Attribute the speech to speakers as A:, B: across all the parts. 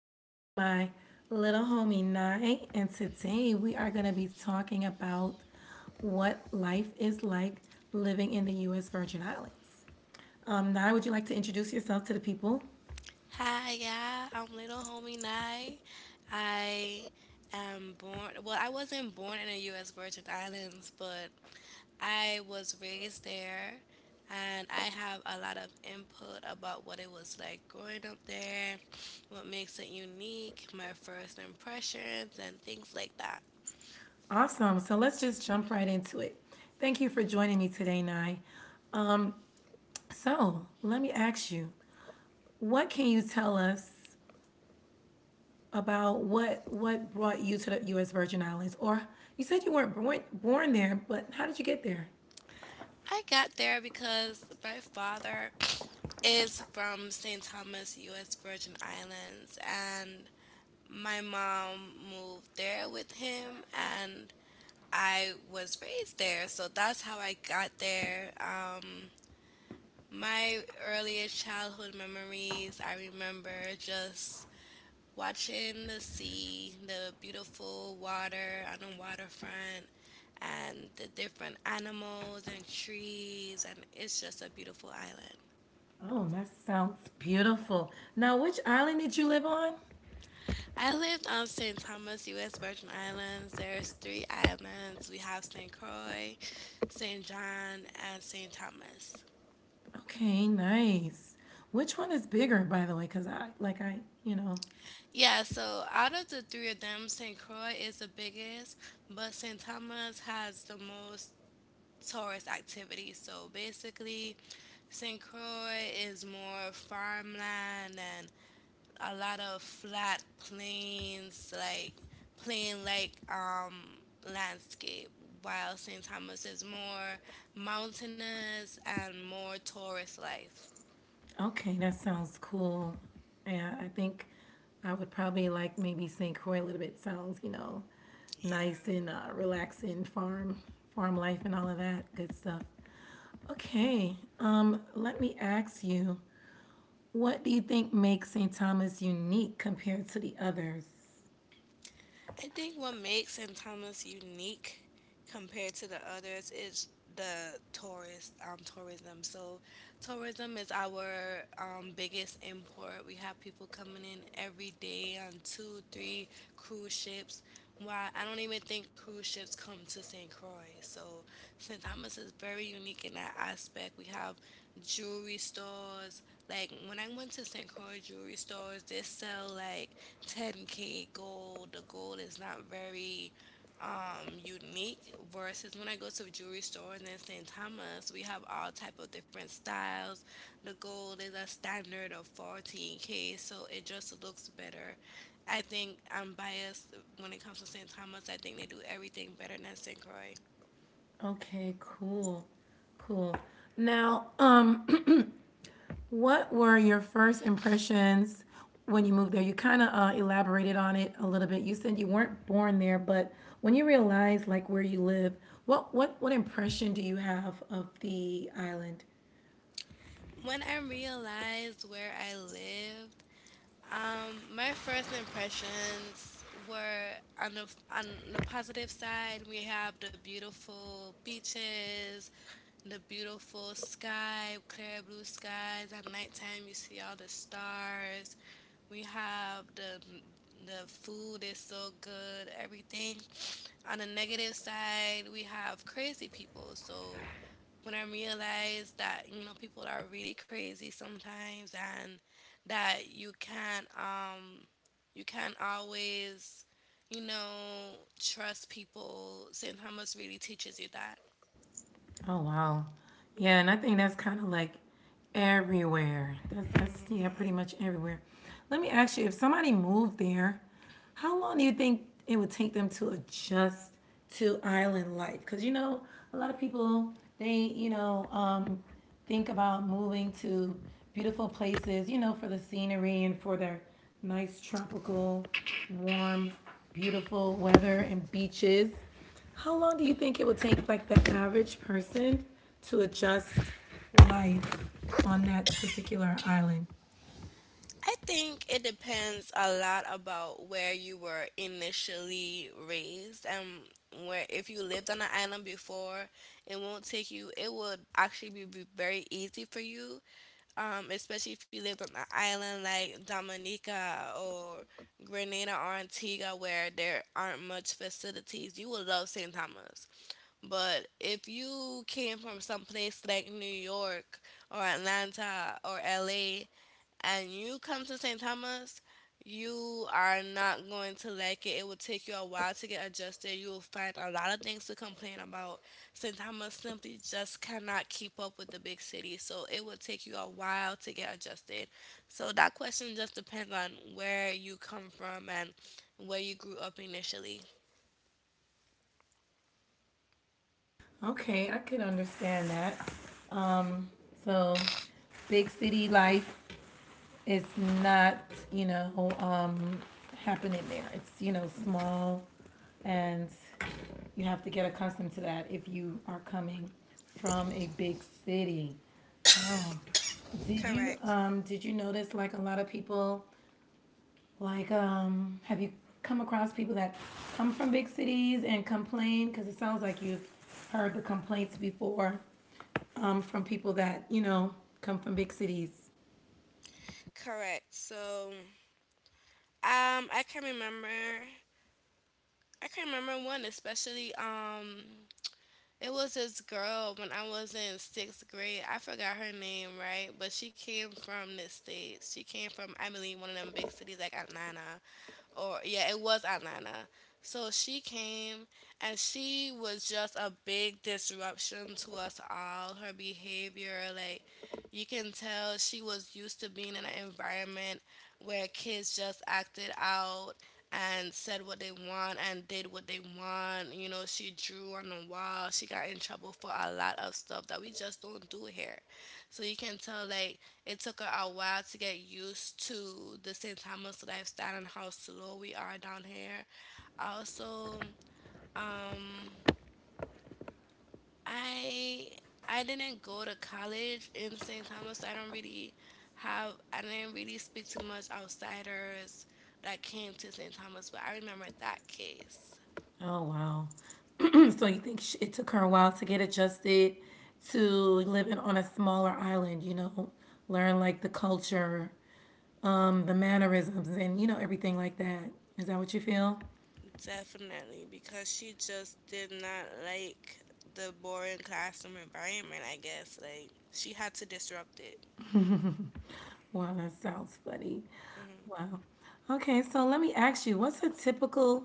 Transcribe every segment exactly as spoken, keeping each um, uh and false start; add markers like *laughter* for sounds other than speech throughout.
A: with my little homie Nye. And today we are going to be talking about what life is like living in the U S. Virgin Islands. Um, Nye, would you like to introduce yourself to the people?
B: Hi, yeah, I'm little homie Nye. I am born, well, I wasn't born in the U S. Virgin Islands, but I was raised there and I have a lot of input about what it was like growing up there, what makes it unique, my first impressions, and things like that.
A: Awesome. So let's just jump right into it. Thank you for joining me today, Nye. So let me ask you, what can you tell us about what what brought you to the U S. Virgin Islands, or you said you weren't born born there, but how did you get there?
B: I got there because my father *clears throat* is from Saint Thomas, U S. Virgin Islands, and my mom moved there with him and I was raised there. So that's how I got there. Um, my earliest childhood memories, I remember just watching the sea, the beautiful water on the waterfront, and the different animals and trees. And it's just a beautiful island.
A: Oh, that sounds beautiful. Now, which island did you live on?
B: I lived on Saint Thomas, U S. Virgin Islands. There's three islands. We have Saint Croix, Saint John, and Saint Thomas.
A: Okay, nice. Which one is bigger, by the way? Cause I like I you know.
B: Yeah, so out of the three of them, Saint Croix is the biggest, but Saint Thomas has the most tourist activity. So basically, Saint Croix is more farmland, a lot of flat plains, like plain like um landscape, while Saint Thomas is more mountainous and more tourist life.
A: Okay, that sounds cool. Yeah, I think I would probably like maybe saint Croix a little bit. Sounds you know,
B: Yeah.
A: nice and uh, relaxing farm farm life and all of that good stuff. Okay. Um, let me ask you, what do you think makes saint Thomas unique compared to the others?
B: I think what makes Saint Thomas unique compared to the others is the tourist um, tourism. So tourism is our um, biggest import. We have people coming in every day on two, three cruise ships. Why, I don't even think cruise ships come to Saint Croix. So Saint Thomas is very unique in that aspect. We have jewelry stores. Like when I went to Saint Croix jewelry stores, they sell like ten k gold. The gold is not very um unique, versus when I go to a jewelry store and then St. Thomas, we have all type of different styles. The gold is a standard of fourteen k, so it just looks better. I think I'm biased when it comes to St. Thomas. I think they do everything better than St. Croix.
A: Okay, cool. Cool. Now, um, *clears throat* what were your first impressions when you moved there? You kind of uh, elaborated on it a little bit. You said you weren't born there, but when you realized like where you live, what what what impression do you have of the island?
B: When I realized where I lived Um, my first impressions were on the on the positive side. We have the beautiful beaches, the beautiful sky, clear blue skies. At nighttime, you see all the stars. We have the the food is so good, everything. On the negative side, we have crazy people. So when I realized that, you know, people are really crazy sometimes, and that you can't um you can't always you know trust people. Saint Thomas really teaches you that.
A: Oh wow. Yeah, and I think that's kind of like everywhere. That's that's yeah, pretty much everywhere. Let me ask you, if somebody moved there, how long do you think it would take them to adjust to island life? Because you know, a lot of people they you know um, think about moving to beautiful places, you know, for the scenery and for their nice tropical, warm, beautiful weather and beaches. How long do you think it would take, like, the average person to adjust life on that particular island?
B: I think it depends a lot about where you were initially raised and where. If you lived on an island before, it won't take you. It would actually be be very easy for you, um, especially if you lived on an island like Dominica or Grenada or Antigua where there aren't much facilities. You will love Saint Thomas. But if you came from some place like New York or Atlanta or L A and you come to Saint Thomas, you are not going to like it. It will take you a while to get adjusted. You will find a lot of things to complain about. Saint Thomas simply just cannot keep up with the big city, so it will take you a while to get adjusted. So that question just depends on where you come from and where you grew up initially.
A: Okay, I could understand that. Um, so, big city life is not, you know, um, happening there. It's, you know, small, and you have to get accustomed to that if you are coming from a big city. Oh, did you
B: Correct.
A: um did you notice like a lot of people Like, um, have you come across people that come from big cities and complain? Because it sounds like you've heard the complaints before um, from people that you know come from big cities.
B: Correct. So, um, I can remember, I can remember one especially. Um, It was this girl when I was in sixth grade. I forgot her name, right? But she came from the States. She came from, I believe, one of them big cities like Atlanta. Or, yeah, it was Atlanta. So she came and she was just a big disruption to us all. Her behavior, like, you can tell she was used to being in an environment where kids just acted out and said what they want and did what they want. You know, she drew on the wall. She got in trouble for a lot of stuff that we just don't do here. So you can tell, like, it took her a while to get used to the Saint Thomas lifestyle and how slow we are down here. Also, um, I I didn't go to college in Saint Thomas, so I don't really have I didn't really speak to much outsiders that came to Saint Thomas, but I remember that case.
A: Oh wow! *clears throat* so you think sh it took her a while to get adjusted to living on a smaller island? You know, learn like the culture, um, the mannerisms, and you know everything like that. Is that what you feel?
B: Definitely, because she just did not like the boring classroom environment, I guess. Like, she had to disrupt it.
A: Wow, that sounds funny. Wow. Okay, so let me ask you, what's a typical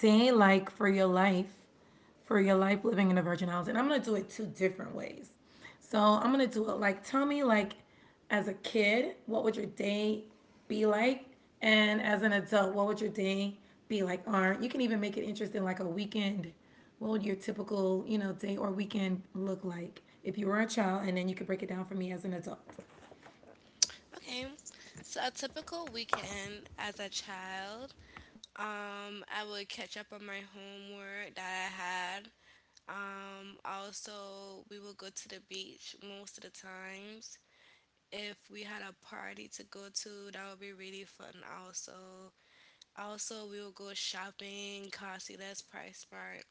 A: day like for your life, for your life living in the Virgin Islands? And I'm gonna do it two different ways. So I'm gonna do it like, tell me, like, as a kid, what would your day be like? And as an adult, what would your day be like? Or you can even make it interesting, like a weekend. What would your typical, you know, day or weekend look like if you were a child? And then you could break it down for me as an adult.
B: Okay, so a typical weekend as a child, um, I would catch up on my homework that I had. Um, also, we would go to the beach most of the times. If we had a party to go to, that would be really fun. Also, also we would go shopping, costly, less price smart.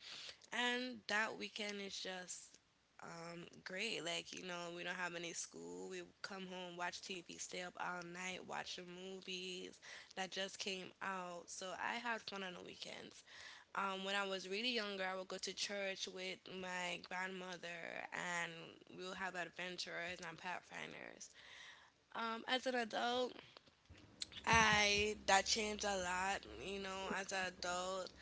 B: And that weekend is just um, great. Like, you know, we don't have any school. We come home, watch T V, stay up all night, watch the movies that just came out. So I had fun on the weekends. Um, when I was really younger, I would go to church with my grandmother and we would have adventures and pathfinders. Um, as an adult, I that changed a lot. You know, as an adult,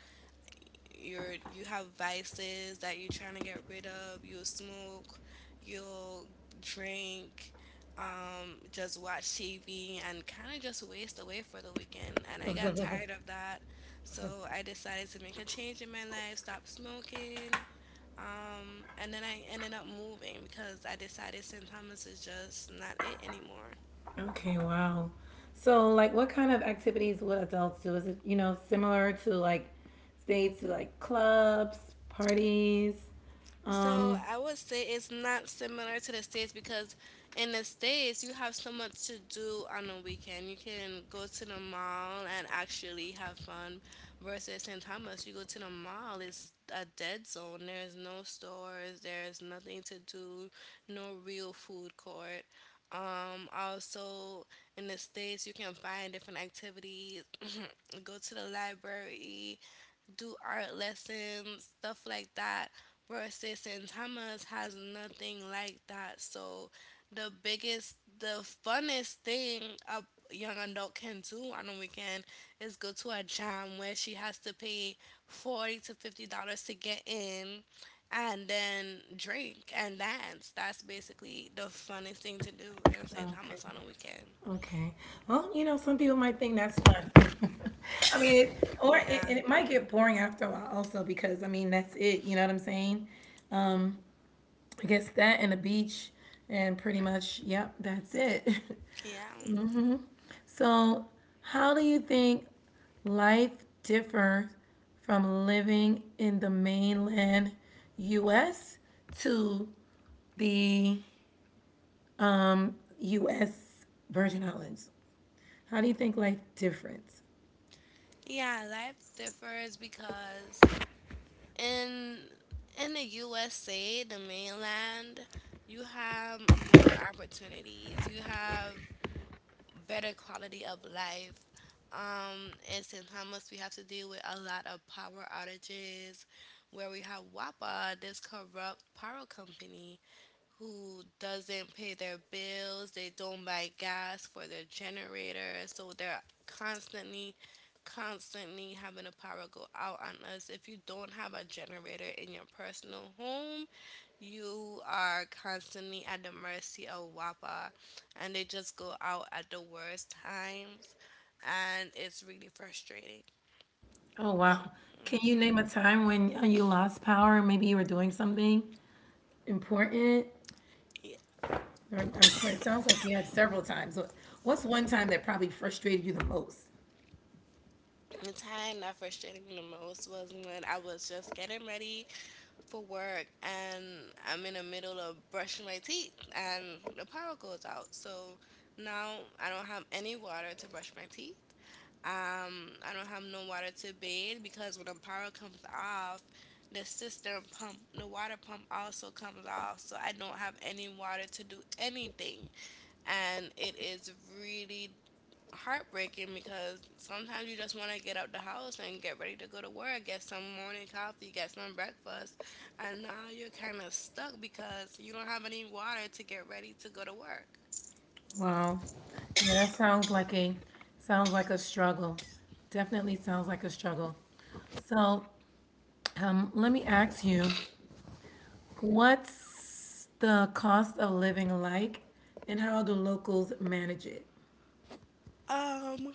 B: you're you have vices that you're trying to get rid of. You'll smoke, you'll drink, um, just watch T V and kind of just waste away for the weekend. And I got tired of that, so I decided to make a change in my life. Stop smoking, um, and then I ended up moving because I decided Saint Thomas is just not it anymore.
A: Okay, wow. So, like, what kind of activities would adults do? Is it, you know, similar to like states, like clubs, parties?
B: So
A: Um,
B: I would say it's not similar to the States because in the States you have so much to do on a weekend. You can go to the mall and actually have fun. Versus Saint Thomas, you go to the mall, it's a dead zone. There's no stores, there's nothing to do, no real food court. Um, also in the States you can find different activities, *coughs* *clears throat* go to the library, do art lessons, stuff like that. Versus Santama's has nothing like that. So the biggest, the funnest thing a young adult can do on a weekend is go to a jam where she has to pay forty to fifty dollars to get in. And then drink and dance. That's basically the funnest thing to do in Saint
A: okay.
B: Thomas on a weekend.
A: Okay. Well, you know, some people might think that's fun. *laughs* I mean, it, or
B: Yeah,
A: it, and it might get boring after a while also because I mean, that's it, you know what I'm saying? Um, I guess that and a beach and pretty much, yep, that's it.
B: yeah.
A: *laughs* hmm So, how do you think life differs from living in the mainland U S to the um, U S. Virgin Islands? How do you think life differs?
B: Yeah, life differs because in in the U S A, the mainland, you have more opportunities. You have better quality of life. Um, in Saint Thomas, we have to deal with a lot of power outages, where we have WAPA, this corrupt power company who doesn't pay their bills, they don't buy gas for their generator, so they're constantly constantly having the power go out on us. If you don't have a generator in your personal home, you are constantly at the mercy of WAPA and they just go out at the worst times, and it's really frustrating.
A: Oh, wow. Can you name a time when uh, you lost power? Maybe you were doing something important? Or I'm sure it sounds like you had several times. What- What's one time that probably frustrated you the most?
B: The time that frustrated me the most was when I was just getting ready for work and I'm in the middle of brushing my teeth and the power goes out. So now I don't have any water to brush my teeth. Um, I don't have no water to bathe, because when the power comes off, the system pump, the water pump also comes off. So I don't have any water to do anything. And it is really heartbreaking, because sometimes you just want to get out the house and get ready to go to work, get some morning coffee, get some breakfast, and now you're kind of stuck because you don't have any water to get ready to go to work.
A: Wow. Yeah, that sounds like a sounds like a struggle. Definitely sounds like a struggle. So, um, let me ask you, what's the cost of living like, and how do locals manage it?
B: Um,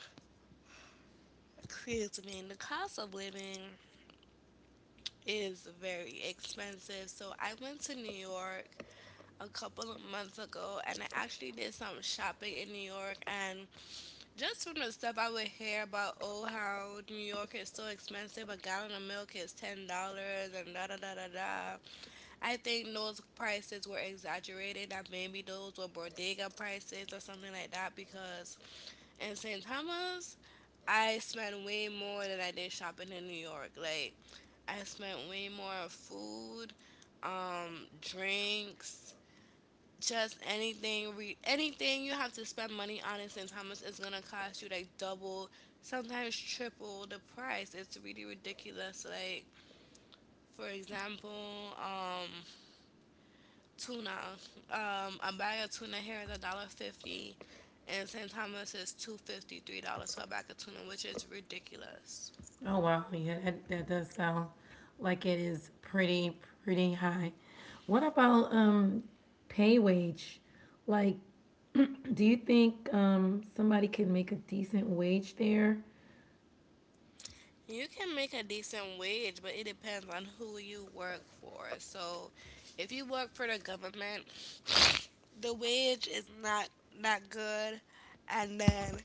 B: excuse me, the cost of living is very expensive. So I went to New York a couple of months ago and I actually did some shopping in New York, and just from the stuff I would hear about, oh, how New York is so expensive, a gallon of milk is ten dollars and da da da da da. I think those prices were exaggerated, that maybe those were bodega prices or something like that, because in Saint Thomas, I spent way more than I did shopping in New York. Like, I spent way more on food, um, drinks, just anything. Re- anything you have to spend money on in Saint Thomas is gonna cost you like double, sometimes triple the price. It's really ridiculous. Like, for example, um, tuna. Um, a bag of tuna here is a dollar fifty, and Saint Thomas is two fifty, three dollars for a bag of tuna, which is ridiculous.
A: Oh wow, yeah, that, that does sound like it is pretty pretty high. What about um pay wage? Like, do you think um somebody can make a decent wage there?
B: You can make a decent wage, but it depends on who you work for. So, if you work for the government, the wage is not not good, and then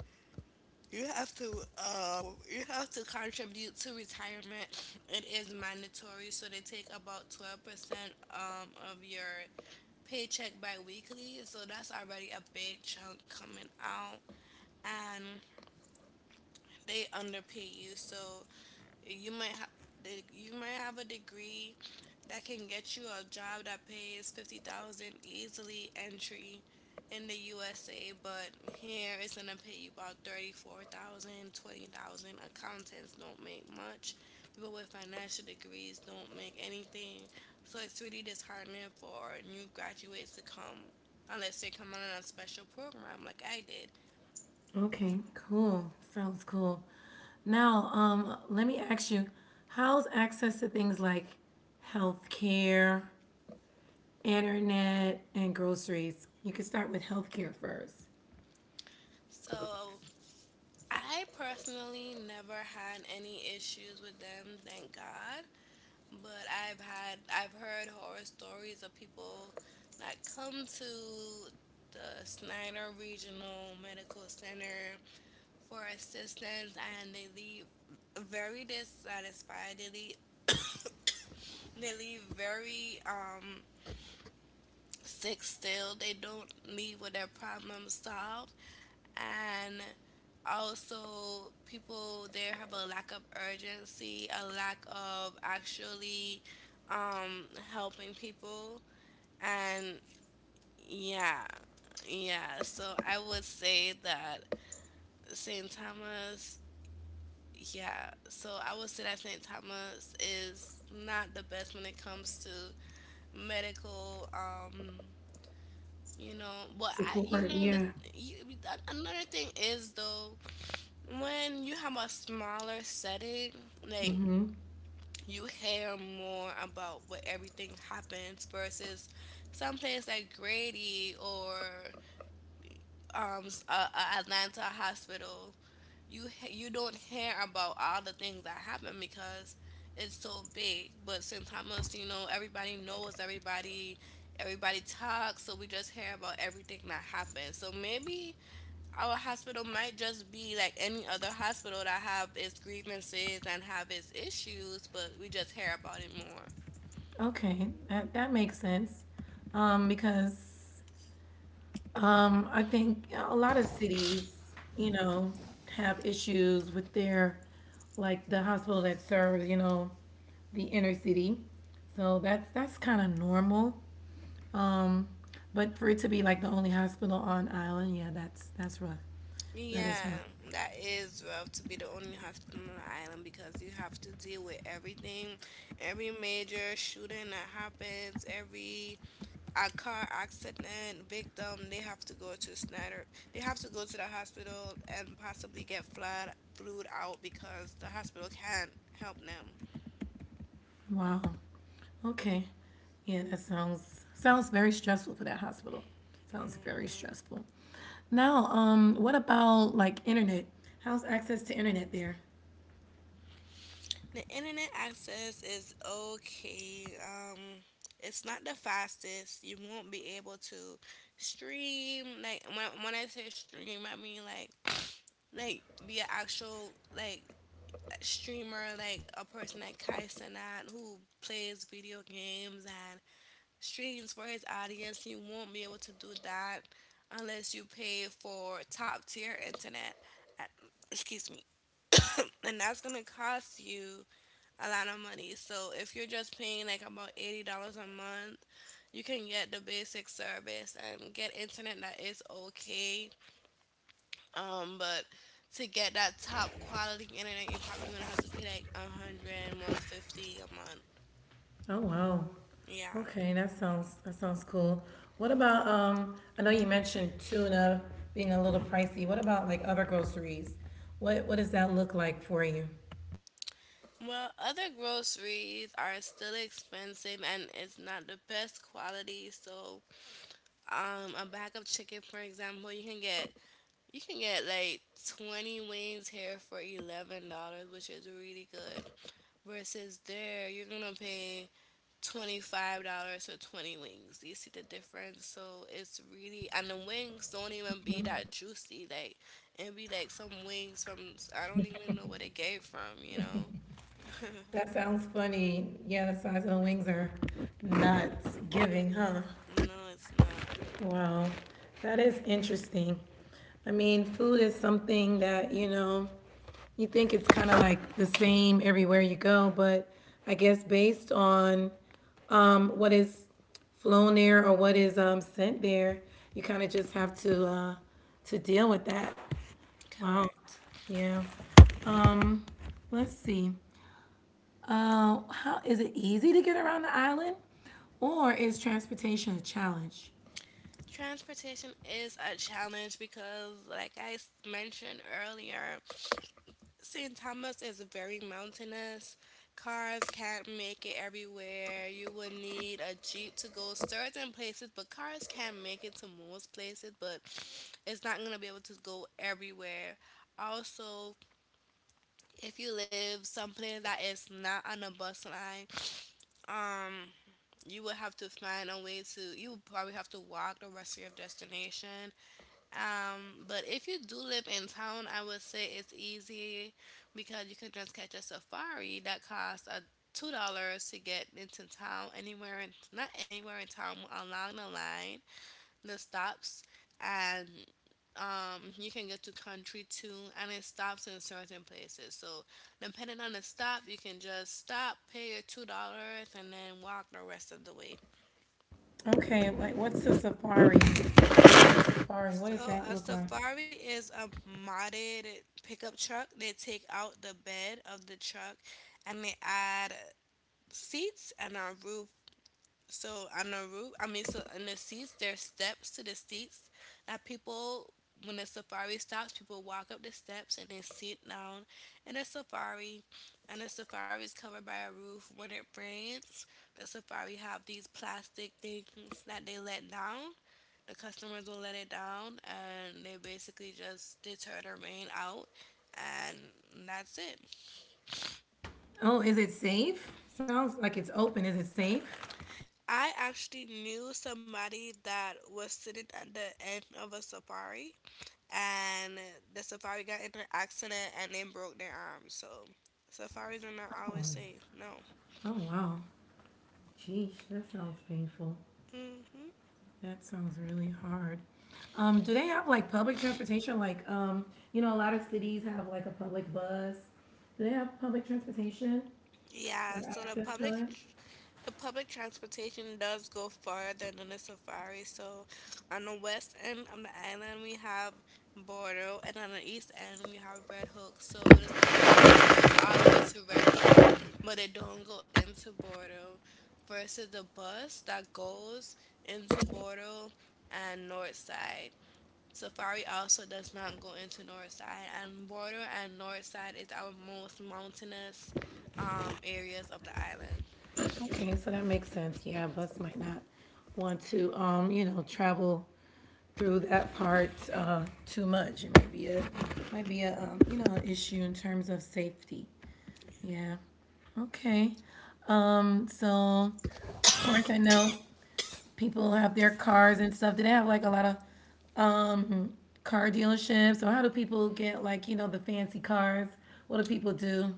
B: you have to uh, you have to contribute to retirement. It is mandatory, so they take about twelve percent um of your paycheck biweekly. So that's already a big chunk coming out, and they underpay you. So you might have you might have a degree that can get you a job that pays fifty thousand easily entry in the U S A, but here it's going to pay you about thirty four thousand twenty thousand. Accountants don't make much. People with financial degrees don't make anything. So it's really disheartening for new graduates to come unless they come on a special program like I did.
A: Okay, cool. Sounds cool. Now, um, let me ask you, how's access to things like healthcare, internet, and groceries? You can start with healthcare first.
B: So I personally never had any issues with them, thank God. But I've had I've heard horror stories of people that come to the Snyder Regional Medical Center for assistance and they leave very dissatisfied. They leave, they leave very um sick still. They don't leave with their problem solved, and also people there have a lack of urgency, a lack of actually um, helping people, and yeah, yeah. So I would say that Saint Thomas. Yeah, so I would say that Saint Thomas is not the best when it comes to medical, um, you know but I you
A: Support,
B: know the
A: yeah.
B: you, another thing is though, when you have a smaller setting, like,
A: Mm-hmm.
B: you hear more about what everything happens versus some place like Grady or um s- a, a Atlanta hospital. You h- you don't hear about all the things that happen because it's so big. But since Hamas, you know, everybody knows everybody, everybody talks, so we just hear about everything that happens. So maybe our hospital might just be like any other hospital that have its grievances and have its issues, but we just hear about it more.
A: Okay, that that makes sense. Um, because Um, I think yeah, a lot of cities, you know, have issues with their, like the hospital that serves, you know, the inner city. So that's that's kind of normal. Um, but for it to be like the only hospital on island, yeah, that's that's rough. That is
B: Yeah,
A: rough.
B: that is rough, to be the only hospital on the island, because you have to deal with everything, every major shooting that happens, every a car accident victim, they have to go to Snyder. They have to go to the hospital and possibly get flood flued out because the hospital can't help them.
A: Wow. Okay. Yeah, that sounds sounds very stressful for that hospital. Sounds very
B: Mm-hmm.
A: stressful. Now, um, what about like internet? How's access to internet there?
B: The internet access is okay. Um, it's not the fastest. You won't be able to stream. Like, when when I say stream, I mean like like be an actual like streamer, like a person like Kai Cenat who plays video games and streams for his audience. You won't be able to do that unless you pay for top tier internet. Uh, Excuse me. *coughs* And that's gonna cost you a lot of money. So if you're just paying like about eighty dollars a month, you can get the basic service and get internet that is okay. Um, but to get that top quality internet, you're probably gonna have to pay like a hundred, one fifty a month.
A: Oh wow.
B: Yeah.
A: Okay, that sounds that sounds cool. What about um I know you mentioned tuna being a little pricey. What about like other groceries? What what does that look like for you?
B: Well, other groceries are still expensive and it's not the best quality. So, um, a bag of chicken, for example, you can get you can get like twenty wings here for eleven dollars which is really good. Versus there, you're gonna pay twenty-five dollars for twenty wings. You see the difference? So it's really, and the wings don't even be that juicy. Like, it be like some wings from, I don't even know where they gave from, you know?
A: That sounds funny. Yeah, the size of the wings are nuts giving, huh?
B: No, it's not.
A: Wow. That is interesting. I mean, food is something that, you know, you think it's kind of like the same everywhere you go, but I guess based on um, what is flown there or what is um, sent there, you kind of just have to uh, to deal with that. Wow.
B: Correct.
A: Yeah. Let's see. Uh, how is it easy to get around the island, or is transportation a challenge?
B: Transportation is a challenge because, like I s- mentioned earlier, Saint Thomas is very mountainous. Cars can't make it everywhere. You would need a jeep to go certain places, but cars can make it to most places, but it's not gonna be able to go everywhere. Also, if you live someplace that is not on a bus line, um, you would have to find a way to. You would probably have to walk the rest of your destination. Um, but if you do live in town, I would say it's easy because you can just catch a safari that costs a two dollars to get into town, anywhere in not anywhere in town, along the line, the stops, and um, you can get to country too, and it stops in certain places. So depending on the stop, you can just stop, pay your two dollars, and then walk the rest of the way.
A: Okay, like what's the safari? Safari. What does
B: So
A: that
B: a
A: look like?
B: safari is a modded pickup truck. They take out the bed of the truck and they add seats and a roof, so on the roof, I mean, so in the seats, there's steps to the seats that people, when the safari stops, people walk up the steps and then sit down in the safari. And the safari is covered by a roof. When it rains, the safari have these plastic things that they let down. The customers will let it down, and they basically just deter the rain out, and that's it.
A: Oh, is it safe? Sounds like it's open. Is it safe?
B: I actually knew somebody that was sitting at the end of a safari and the safari got in an accident and they broke their arm. So safaris are not always
A: Oh,
B: safe. No.
A: oh wow. Geesh, that sounds painful.
B: Hmm.
A: That sounds really hard. Um, do they have like public transportation? Like, um, you know, a lot of cities have like a public bus. Do they have public transportation
B: Yeah,
A: for
B: so the
A: access to
B: public
A: it?
B: the public transportation does go farther than the safari. So on the west end of the island we have Bordeaux and on the east end we have Red Hook. So the safari goes all the way to Red Hook, but it don't go into Bordeaux, versus the bus that goes into Bordeaux and North Side. Safari also does not go into Northside, and border and Northside is our most mountainous, um, areas of the island.
A: Okay, so that makes sense. Yeah, a bus might not want to, um, you know, travel through that part uh, too much. It might be a, might be a, um, you know, an issue in terms of safety. Yeah. Okay. Um, so of course I know people have their cars and stuff? Do they have like a lot of um car dealerships or how do people get like, you know, the fancy cars? What do people do?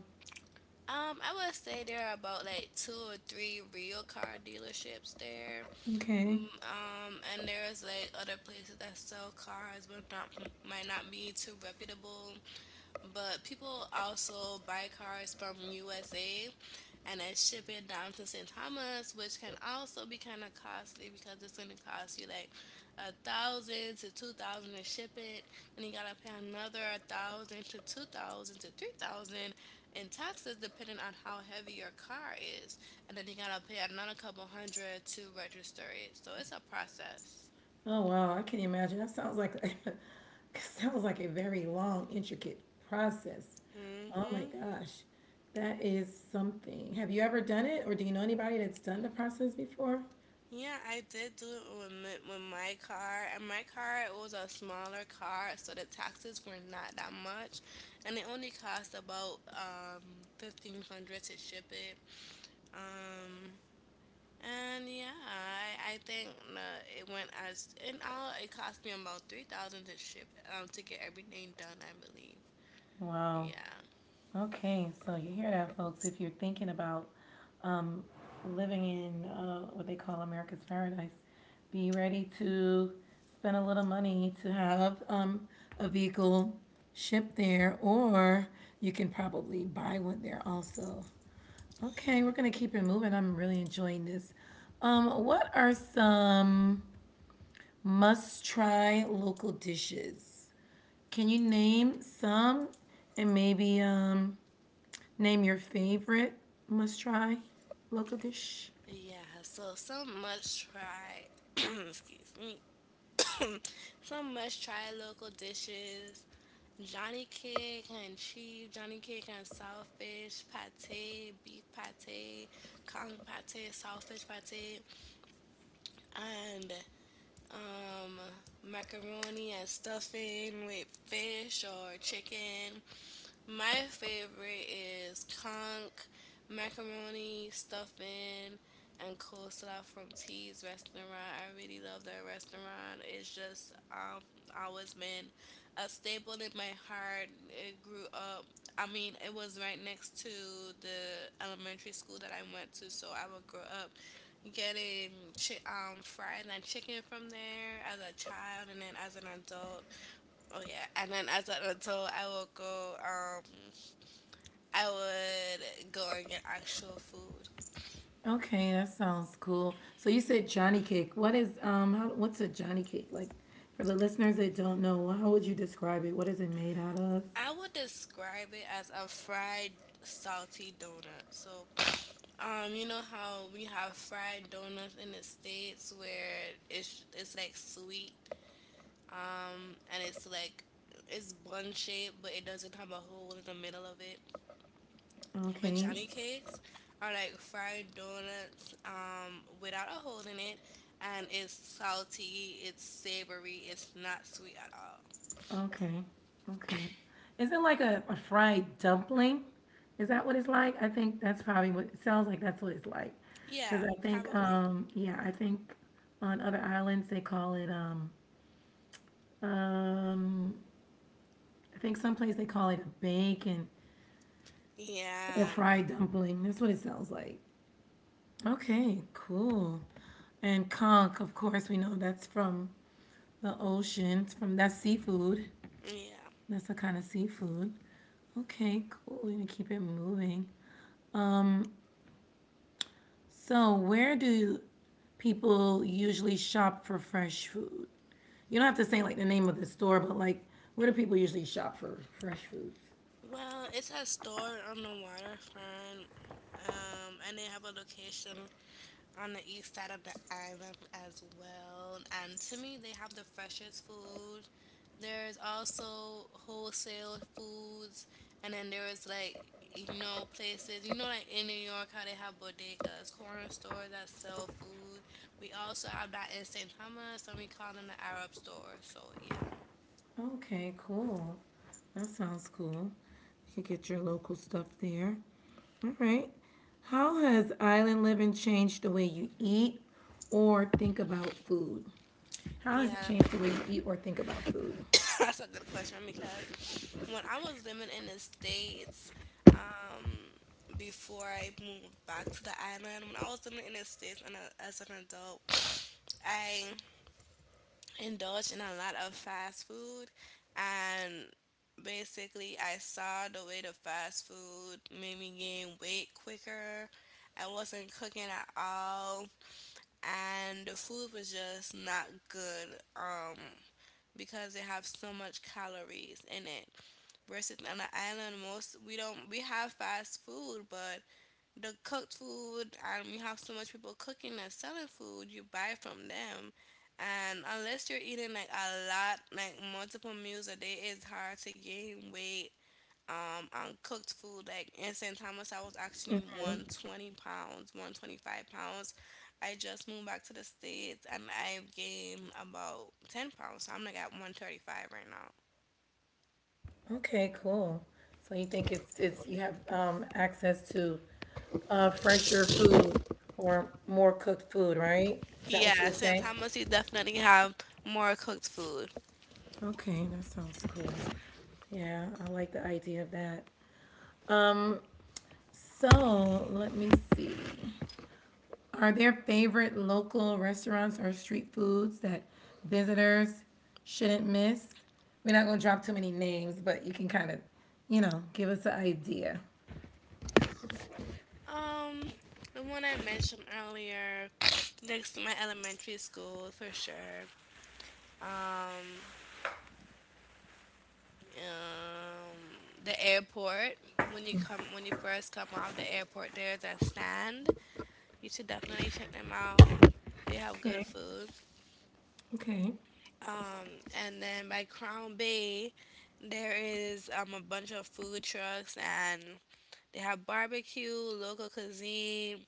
B: Um, I would say there are about like two or three real car dealerships there.
A: Okay.
B: Mm, Um, and there's like other places that sell cars, but not, might not be too reputable. But people also buy cars from U S A and then ship it down to Saint Thomas, which can also be kind of costly because it's going to cost you like a thousand to two thousand to ship it, and you gotta pay another a thousand to two thousand to three thousand in taxes depending on how heavy your car is, and then you gotta pay another couple hundred to register it. So it's a process.
A: Oh wow, I can imagine. That sounds like *laughs* sounds like a very long, intricate process. Oh my
B: Hmm.
A: gosh. That is something. Have you ever done it or do you know anybody that's done the process before?
B: Yeah, I did do it with my, with my car, and my car, it was a smaller car, so the taxes were not that much, and it only cost about um fifteen hundred to ship it. Um, and yeah, I, I think uh, it went as in all it cost me about three thousand to ship, um to get everything done, I believe.
A: Wow.
B: Yeah,
A: Okay, so you hear that, folks. If you're thinking about um, living in uh, what they call America's Paradise, be ready to spend a little money to have um, a vehicle shipped there, or you can probably buy one there also.
B: yeah,
A: Okay, we're going to keep it moving. I'm really enjoying this. Um, what are some must try local dishes? Can you name some and maybe um, name your favorite must try local dish.
B: yeah. So some must try. *clears throat* Excuse me. *coughs* Some must try local dishes: Johnny cake and cheese, Johnny cake and saltfish, pate, beef pate, kong pate, saltfish pate, and um, macaroni and stuffing with fish or chicken. My favorite is conch, macaroni, stuffing, and coleslaw from T's restaurant. I really love that restaurant. It's just um always been a staple in my heart. It grew up. I mean, it was right next to the elementary school that I went to, so I would grow up getting chi- um fries and chicken from there as a child, and then as an adult, Oh yeah, and then as an adult, I will go. Um, I would go and get actual food.
A: Okay, that sounds cool. So you said Johnny cake. What is um how, what's a Johnny cake? Like for the listeners that don't know, how would you describe it? What is it made out of?
B: I would describe it as a fried salty donut. So, um, you know how we have fried donuts in the states where it's it's like sweet and it's like it's bun shaped, but it doesn't have a hole in the middle of it. With
A: Okay.
B: Johnny cakes, are like fried donuts, um, without a hole in it, and it's salty, it's savory, it's not sweet at all.
A: Okay. Okay. Is it like a, a fried dumpling? Is that what it's like? I think that's probably what it sounds like that's what it's like. Cuz
B: Yeah,
A: I think
B: probably.
A: um yeah, I think on other islands they call it um um I think someplace they call it a bacon or
B: Yeah,
A: fried dumpling. That's what it sounds like. Okay, cool. And conch, of course, we know that's from the ocean. It's from that's seafood.
B: yeah.
A: That's a kind of seafood. Okay, cool. We're gonna keep it moving. So, where do people usually shop for fresh food? You don't have to say like the name of the store, but like where do people usually shop for fresh foods?
B: Well, it's a store on the waterfront, um, and they have a location on the east side of the island as well. And to me, they have the freshest food. There's also wholesale foods, and then there is like, you know places, you know like in New York how they have bodegas, corner stores that sell food. We also have that in Saint Thomas, and we call them the Arab store. So yeah,
A: Okay, cool. That sounds cool. You can get your local stuff there. All right. How has island living changed the way you eat or think about food? How has it
B: yeah.
A: changed the way you eat or think about food?
B: *laughs* That's a good question because when I was living in the States, um, before I moved back to the island, when I was living in the States and a, as an adult, I indulged in a lot of fast food and basically I saw the way the fast food made me gain weight quicker. I wasn't cooking at all and the food was just not good. Um because they have so much calories in it. Versus on the island, most we don't, we have fast food, but the cooked food, and we have so much people cooking and selling food you buy from them, and unless you're eating like a lot, like multiple meals a day, it's hard to gain weight um on cooked food. Like in St. Thomas I was actually one twenty pounds, one twenty-five pounds. I just moved back to the states and I've gained about ten pounds, so I'm like at one thirty-five right now.
A: Okay, cool. So you think it's it's you have um, access to uh, fresher food or more cooked food, right? Is that what you
B: Yeah,
A: would
B: since
A: say?
B: I, you definitely have more cooked food.
A: Okay, that sounds cool. Yeah, I like the idea of that. Um. So let me see. Are there favorite local restaurants or street foods that visitors shouldn't miss? We're not going to drop too many names, but you can kind of, you know, give us an idea.
B: Um, the one I mentioned earlier, next to my elementary school for sure. Um, um, the airport. When you come, when you first come out of the airport, there's a stand. You should definitely check them out. They have good
A: Okay.
B: food.
A: Okay.
B: Um, and then by Crown Bay, there is um, a bunch of food trucks and they have barbecue, local cuisine.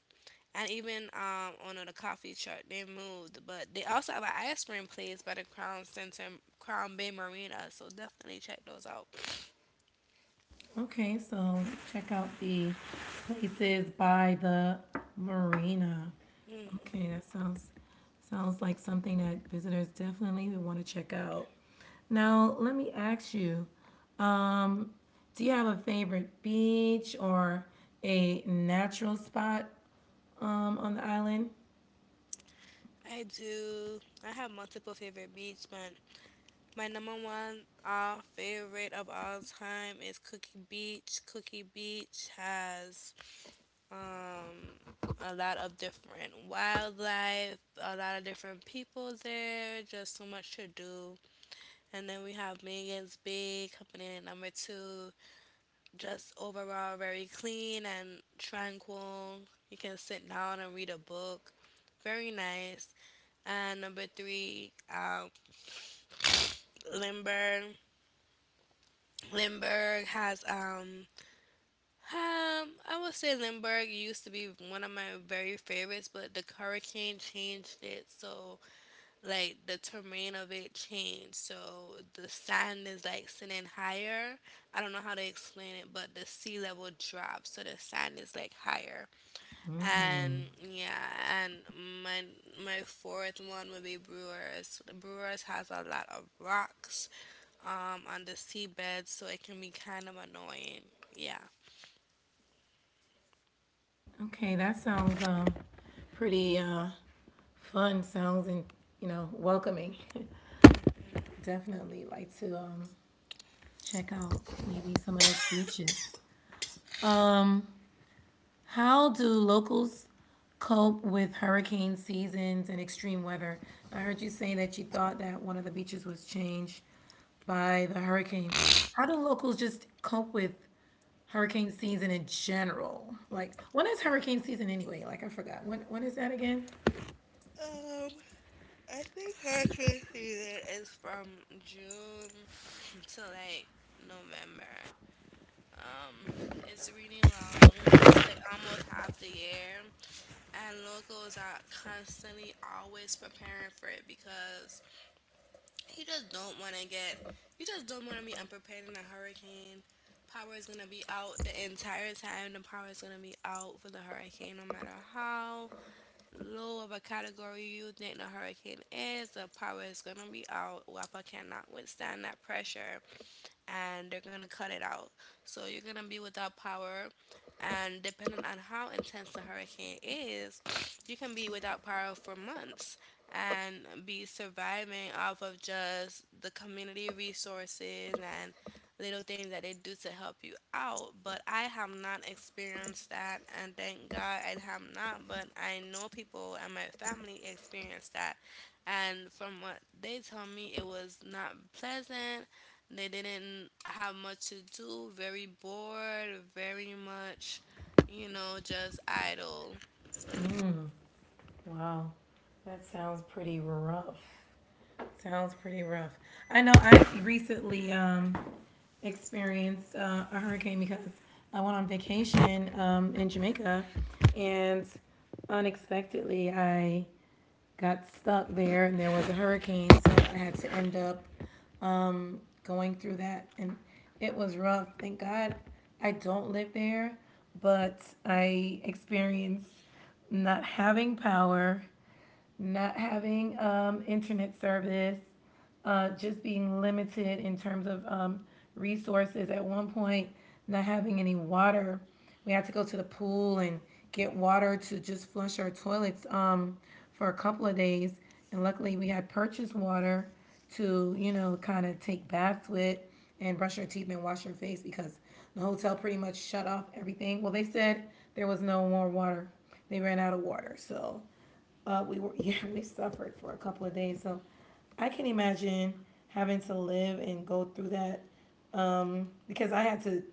B: And even um, on the coffee truck, they moved. But they also have an ice cream place by the Crown Center, Crown Bay Marina. So definitely check those out.
A: Okay, so check out the places by the marina. Okay, that sounds sounds like something that visitors definitely would want to check out. Now, let me ask you, um, do you have a favorite beach or a natural spot um, on the island?
B: I do. I have multiple favorite beach, but my number one uh, favorite of all time is Cookie Beach. Cookie Beach has um, a lot of different wildlife, a lot of different people there, just so much to do. And then we have Megan's Bay coming in at number two. Just overall very clean and tranquil. You can sit down and read a book. Very nice. And number three, um, Limburg. Limburg has um um I would say Limburg used to be one of my very favorites, but the hurricane changed it. So like the terrain of it changed. So the sand is like sitting higher. I don't know how to explain it, but the sea level dropped, so the sand is like higher. And
A: Mm.
B: yeah, and my my fourth one would be Brewers. Brewers has a lot of rocks um on the seabed, so it can be kind of annoying. Yeah.
A: Okay, that sounds um, pretty uh, fun. Sounds and you know welcoming. *laughs* Definitely like to um, check out maybe some of those beaches. Um, how do locals cope with hurricane seasons and extreme weather? I heard you saying that you thought that one of the beaches was changed by the hurricane. How do locals just cope with hurricane season in general? Like, when is hurricane season anyway? Like, I forgot. When when is that again?
B: Um, I think hurricane season is from June *laughs* to like November. Um, it's really long. It's like almost half the year, and locals are constantly always preparing for it because you just don't want to get. You just don't want to be unprepared in a hurricane. Power is gonna be out the entire time. The power is gonna be out for the hurricane, no matter how low of a category you think the hurricane is. The power is gonna be out. WAPA cannot withstand that pressure and they're gonna cut it out. So you're gonna be without power, and depending on how intense the hurricane is, you can be without power for months and be surviving off of just the community resources and little things that they do to help you out. But I have not experienced that, and thank God I have not. But I know people and my family experienced that, and from what they tell me, it was not pleasant. They didn't have much to do, very bored, very much, you know, just idle.
A: Wow, that sounds pretty rough. Sounds pretty rough. I know I recently um, experienced uh, a hurricane because I went on vacation um, in Jamaica and unexpectedly I got stuck there and there was a hurricane. So I had to end up going through that and it was rough. Thank God I don't live there, but I experienced not having power, not having um, internet service, uh, just being limited in terms of um, resources. At one point, not having any water. We had to go to the pool and get water to just flush our toilets um, for a couple of days. And luckily, we had purchased water to, you know, kind of take baths with and brush your teeth and wash your face because the hotel pretty much shut off everything. Well, they said there was no more water. They ran out of water. So uh, we were, *laughs* yeah, we suffered for a couple of days. So I can imagine having to live and go through that because I had to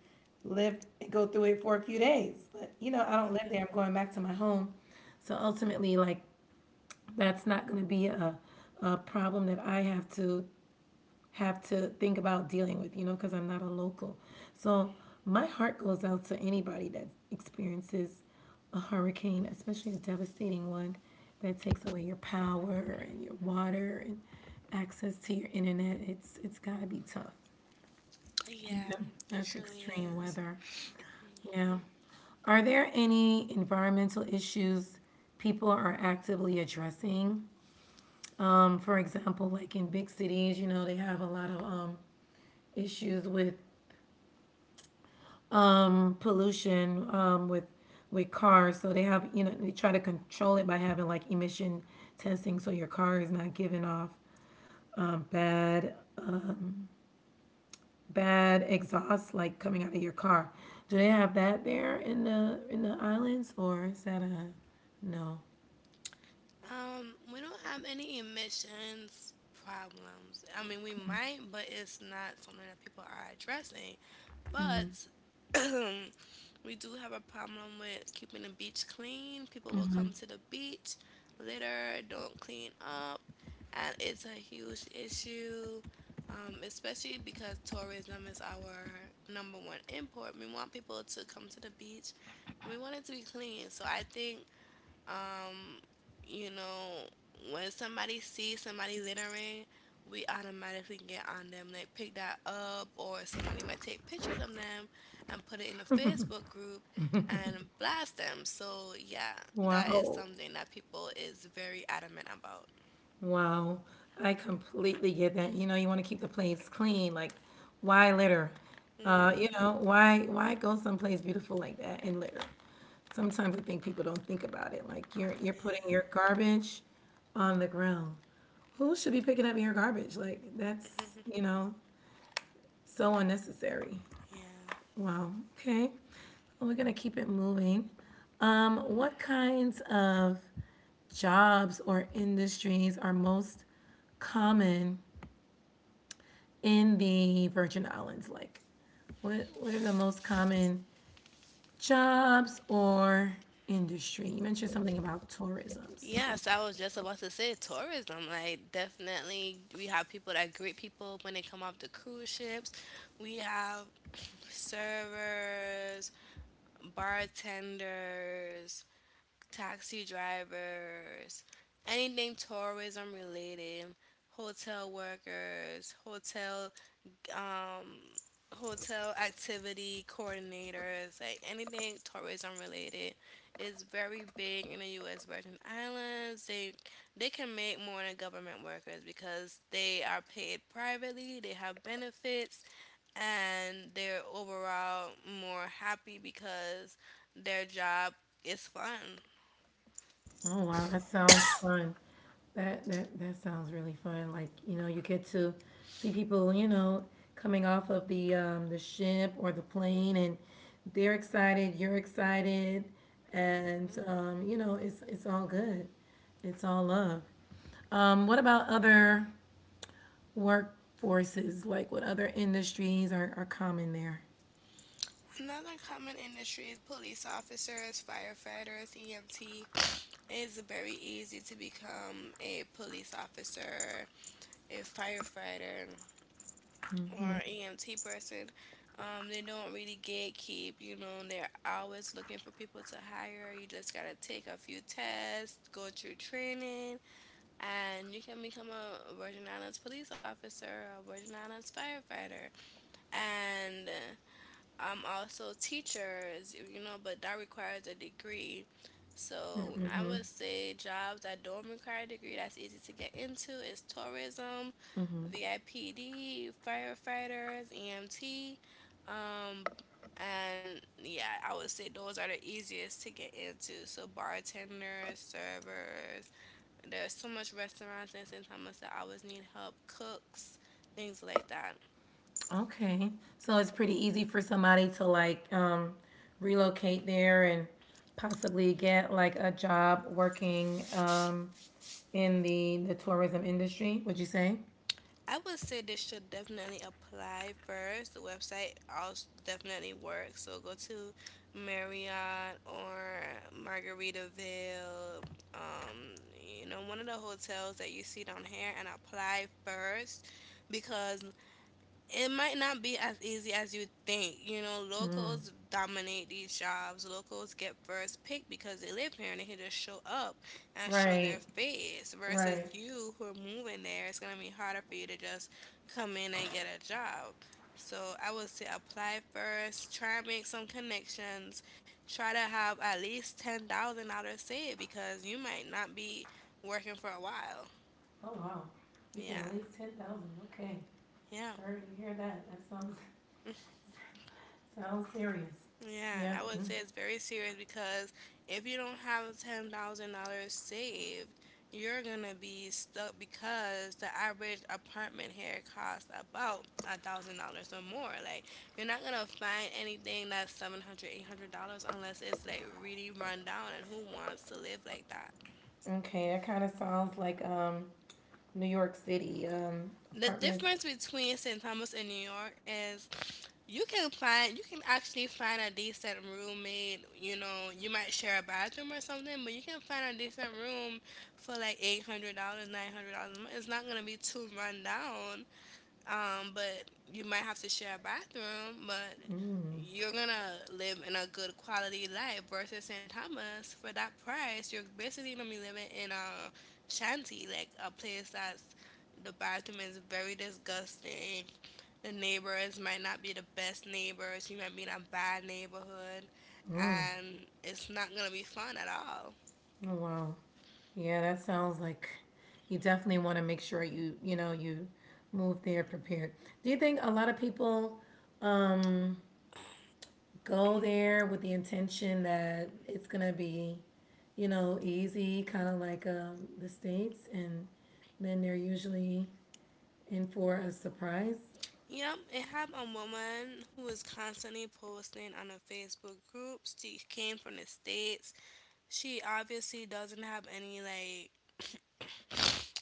A: live and go through it for a few days. But, you know, I don't live there. I'm going back to my home. So ultimately, like, that's not going to be a, a problem that I have to have to think about dealing with, you know, because I'm not a local. So my heart goes out to anybody that experiences a hurricane, especially a devastating one that takes away your power and your water and access to your internet. It's it's gotta be tough.
B: Yeah,
A: Yeah,
B: it
A: that's
B: truly
A: extreme
B: is.
A: weather. Yeah. Are there any environmental issues people are actively addressing? Um, for example, like in big cities, you know, they have a lot of um, issues with pollution, um, with with cars. So they have, you know, they try to control it by having like emission testing, so your car is not giving off um, bad bad exhaust like coming out of your car. Do they have that there in the in the islands, or is that a no?
B: Um, we don't have any emissions problems. I mean, we might, but it's not something that people are addressing. But *clears throat* we do have a problem with keeping the beach clean. People will come to the beach, litter, don't clean up, and it's a huge issue. Um, especially because tourism is our number one import. We want people to come to the beach. We want it to be clean. So I think, um, you know, when somebody sees somebody littering, we automatically get on them, like pick that up, or somebody might take pictures of them and put it in a Facebook group and blast them. So yeah, that is
A: Wow.
B: something that people is very adamant about.
A: Wow. I completely get that. You know, you want to keep the place clean. Like, why litter? Uh, you
B: Mhm.
A: know, why why go someplace beautiful like that and litter? Sometimes I think people don't think about it. Like you're you're putting your
B: Yeah.
A: garbage on the ground. Who should be picking up your garbage? Like that's, you
B: *laughs*
A: know, so unnecessary.
B: Yeah.
A: Wow. Okay. So we're gonna keep it moving. Um, what kinds of jobs or industries are most common in the Virgin Islands? Like, what what are the most common jobs or industry? You mentioned something about tourism, so
B: Yes, I was just about to say tourism. Like, definitely, we have people that greet people when they come off the cruise ships. We have servers, bartenders, taxi drivers, anything tourism related, hotel workers, hotel um, hotel activity coordinators, like anything tourism related, is very big in the U S. Virgin Islands. They they can make more than government workers because they are paid privately. They have benefits, and they're overall more happy because their job is fun.
A: Oh wow, that sounds fun. That that that sounds really fun. Like, you know, you get to see people, you know, coming off of the um the ship or the plane, and they're excited, you're excited, and um, you know, it's it's all good. It's all love. Um, what about other workforces? Like what other industries are, are common there?
B: Another common industry is police officers, firefighters, E M T. It's very easy to become a police officer, a firefighter, or E M T person. Um, they don't really gatekeep, you know, and they're always looking for people to hire. You just gotta take a few tests, go through training, and you can become a Virgin Islands police officer, a Virgin Islands firefighter. And I'm also teachers, you know, but that requires a degree. So I
A: Mm-hmm.
B: would say jobs that don't require a degree that's easy to get into is tourism, V I P D, firefighters, E M T, um, and yeah, I would say those are the easiest to get into. So bartenders, servers, there's so much restaurants and sometimes that always need help, cooks, things like that.
A: Okay. So it's pretty easy for somebody to like um, relocate there and possibly get like a job working um, in the the tourism industry, would you say?
B: I would say they should definitely apply first. The website also definitely works. So go to Marriott or Margaritaville, um, you know, one of the hotels that you see down here and apply first because it might not be as easy as you think. You know
A: Mm.
B: locals dominate these jobs. Locals get first pick because they live here and they can just show up and show their
A: Right.
B: face. Versus
A: Right.
B: you who are moving there, it's gonna be harder for you to just come in and get a job. So I would say apply first, try and make some connections, try to have at least ten thousand dollars saved because you might not be working for a while.
A: Oh wow. You said
B: Yeah.
A: at least ten thousand. Okay.
B: Yeah.
A: Heard you hear that? That sounds *laughs* sounds serious.
B: Yeah,
A: Yeah.
B: I would
A: Mm.
B: say it's very serious because if you don't have ten thousand dollars saved, you're gonna be stuck because the average apartment here costs about a thousand dollars or more. Like, you're not gonna find anything that's seven hundred, eight hundred dollars unless it's like really run down and who wants to live like that?
A: Okay, that kind of sounds like um New York City um
B: The
A: apartments.
B: difference between Saint Thomas and New York is you can find you can actually find a decent roommate. You know, you might share a bathroom or something, but you can find a decent room for like eight hundred dollars, nine hundred dollars a month. It's not gonna be too run down, um, but you might have to share a bathroom, but
A: Mm.
B: you're gonna live in a good quality life versus Saint Thomas for that price. You're basically gonna be living in a shanty, like a place that's the bathroom is very disgusting. The neighbors might not be the best neighbors. You might be in a bad neighborhood,
A: Mm.
B: and it's not gonna be fun at all.
A: Oh wow. Yeah, that sounds like you definitely want to make sure you, you know, you move there prepared. Do you think a lot of people um go there with the intention that it's going to be, you know, easy, kind of like um the states, and then they're usually in for a surprise?
B: Yep, I have a woman who is constantly posting on a Facebook group. She came from the States. She obviously doesn't have any like,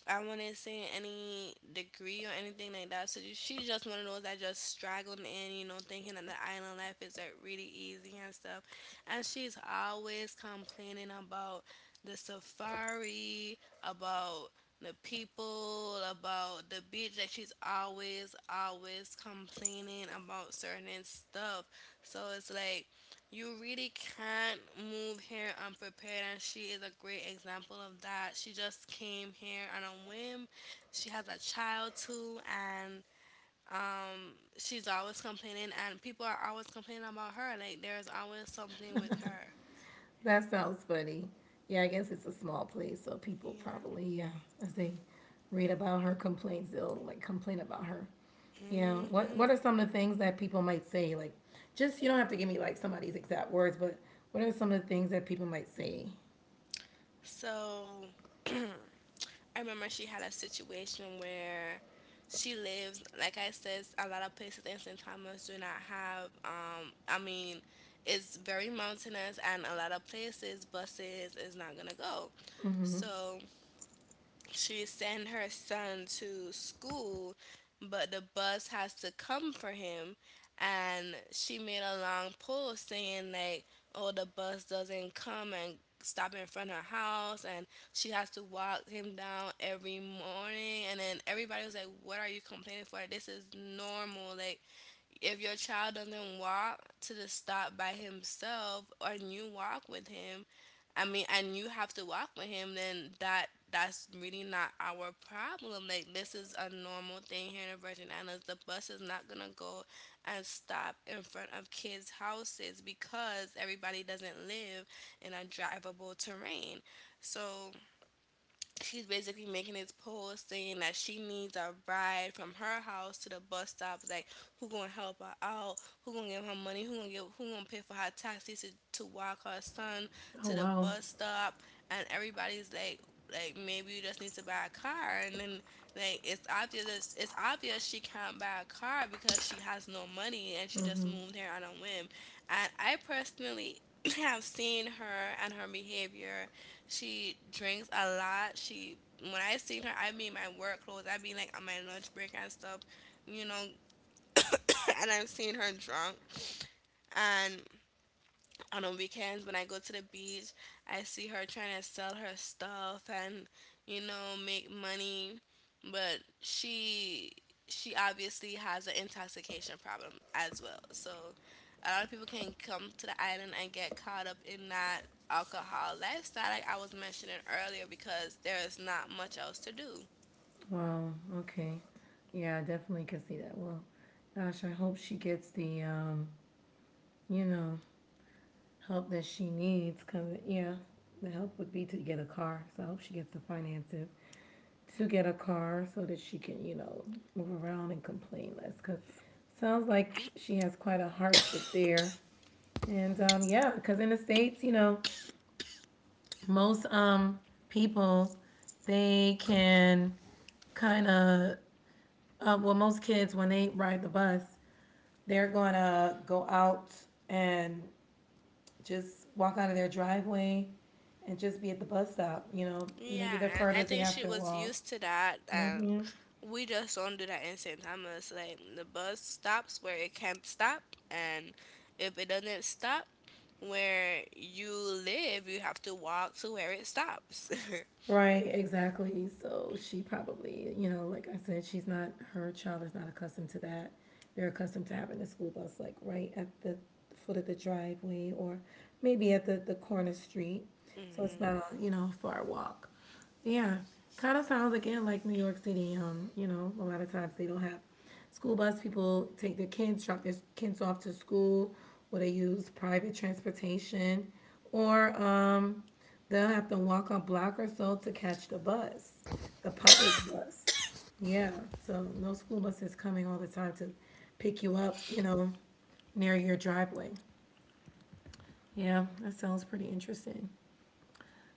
B: I wouldn't say, any degree or anything like that. So ju- she's just one of those that just straggled in, you know, thinking that the island life is like really easy and stuff. And she's always complaining about the safari, about the people, about the beach. Like she's always, always complaining about certain stuff. So it's like you really can't move here unprepared, and she is a great example of that. She just came here on a whim. She has a child too, and um, she's always complaining, and people are always complaining about her. Like, there's always something with her.
A: That sounds funny. Yeah, I guess it's a small place, so people
B: Yeah.
A: probably, yeah, as they read about her complaints, they'll like complain about her. Yeah. What What
B: Hmm.
A: are some of the things that people might say? Like, just you don't have to give me like somebody's exact words, but what are some of the things that people might say?
B: So. *clears throat* I remember she had a situation where she lives, like I said, a lot of places in Saint Thomas do not have, um, I mean, it's very mountainous and a lot of places, buses is not gonna go.
A: Mm-hmm.
B: So she send her son to school, but the bus has to come for him. And she made a long post saying like, "Oh, the bus doesn't come and stop in front of her house, and she has to walk him down every morning." And then everybody was like, "What are you complaining for? This is normal. Like, if your child doesn't walk to the stop by himself or you walk with him, I mean, and you have to walk with him, then that that's really not our problem. Like this is a normal thing here in the Virgin Islands. The bus is not gonna go and stop in front of kids houses because everybody doesn't live in a drivable terrain. So she's basically making this post saying that she needs a ride from her house to the bus stop. Like, who gonna help her out? Who gonna give her money? Who gonna give? Who gonna pay for her taxi to to walk her son
A: Oh
B: to the
A: wow,
B: bus stop? And everybody's like. Like maybe you just need to buy a car, and then like it's obvious it's obvious she can't buy a car because she has no money and she just moved here on a whim. And I personally *clears throat* have seen her and her behavior. She drinks a lot. She, when I seen her, I mean my work clothes. I mean like on my lunch break and stuff, you know. *coughs* And I've seen her drunk, and on the weekends when I go to the beach, I see her trying to sell her stuff and you know make money, but she she obviously has an intoxication problem as well. So a lot of people can come to the island and get caught up in that alcohol lifestyle like I was mentioning earlier because there is not much else to do.
A: wow. Okay. Yeah, I definitely can see that. Well, gosh, I hope she gets the, um, you know, help that she needs. Cause yeah, the help would be to get a car. So I hope she gets the finances to get a car so that she can, you know, move around and complain less. Because sounds like she has quite a hardship there. And um, yeah, because in the states, you know, most um, people they can kind of uh, well, most kids when they ride the bus, they're gonna go out and just walk out of their driveway and just be at the bus stop. You know, maybe
B: Yeah,
A: the
B: and I
A: furthest they
B: think
A: have
B: she
A: to
B: was
A: walk
B: used to that. Um, we just don't do that in Saint Thomas. Like the bus stops where it can stop, and if it doesn't stop where you live, you have to walk to where it stops. *laughs*
A: Right, exactly. So she probably, you know, like I said, she's not, her child is not accustomed to that. They're accustomed to having the school bus like right at the foot of the driveway, or maybe at the, the corner street. So it's not a, you know, a far walk. Yeah, kind of sounds again like New York City. Um, you know, a lot of times they don't have school bus. People take their kids, drop their kids off to school, or they use private transportation, or um, they'll have to walk a block or so to catch the bus, the public bus. Yeah, so no school bus is coming all the time to pick you up. You know, near your driveway. Yeah, that sounds pretty interesting.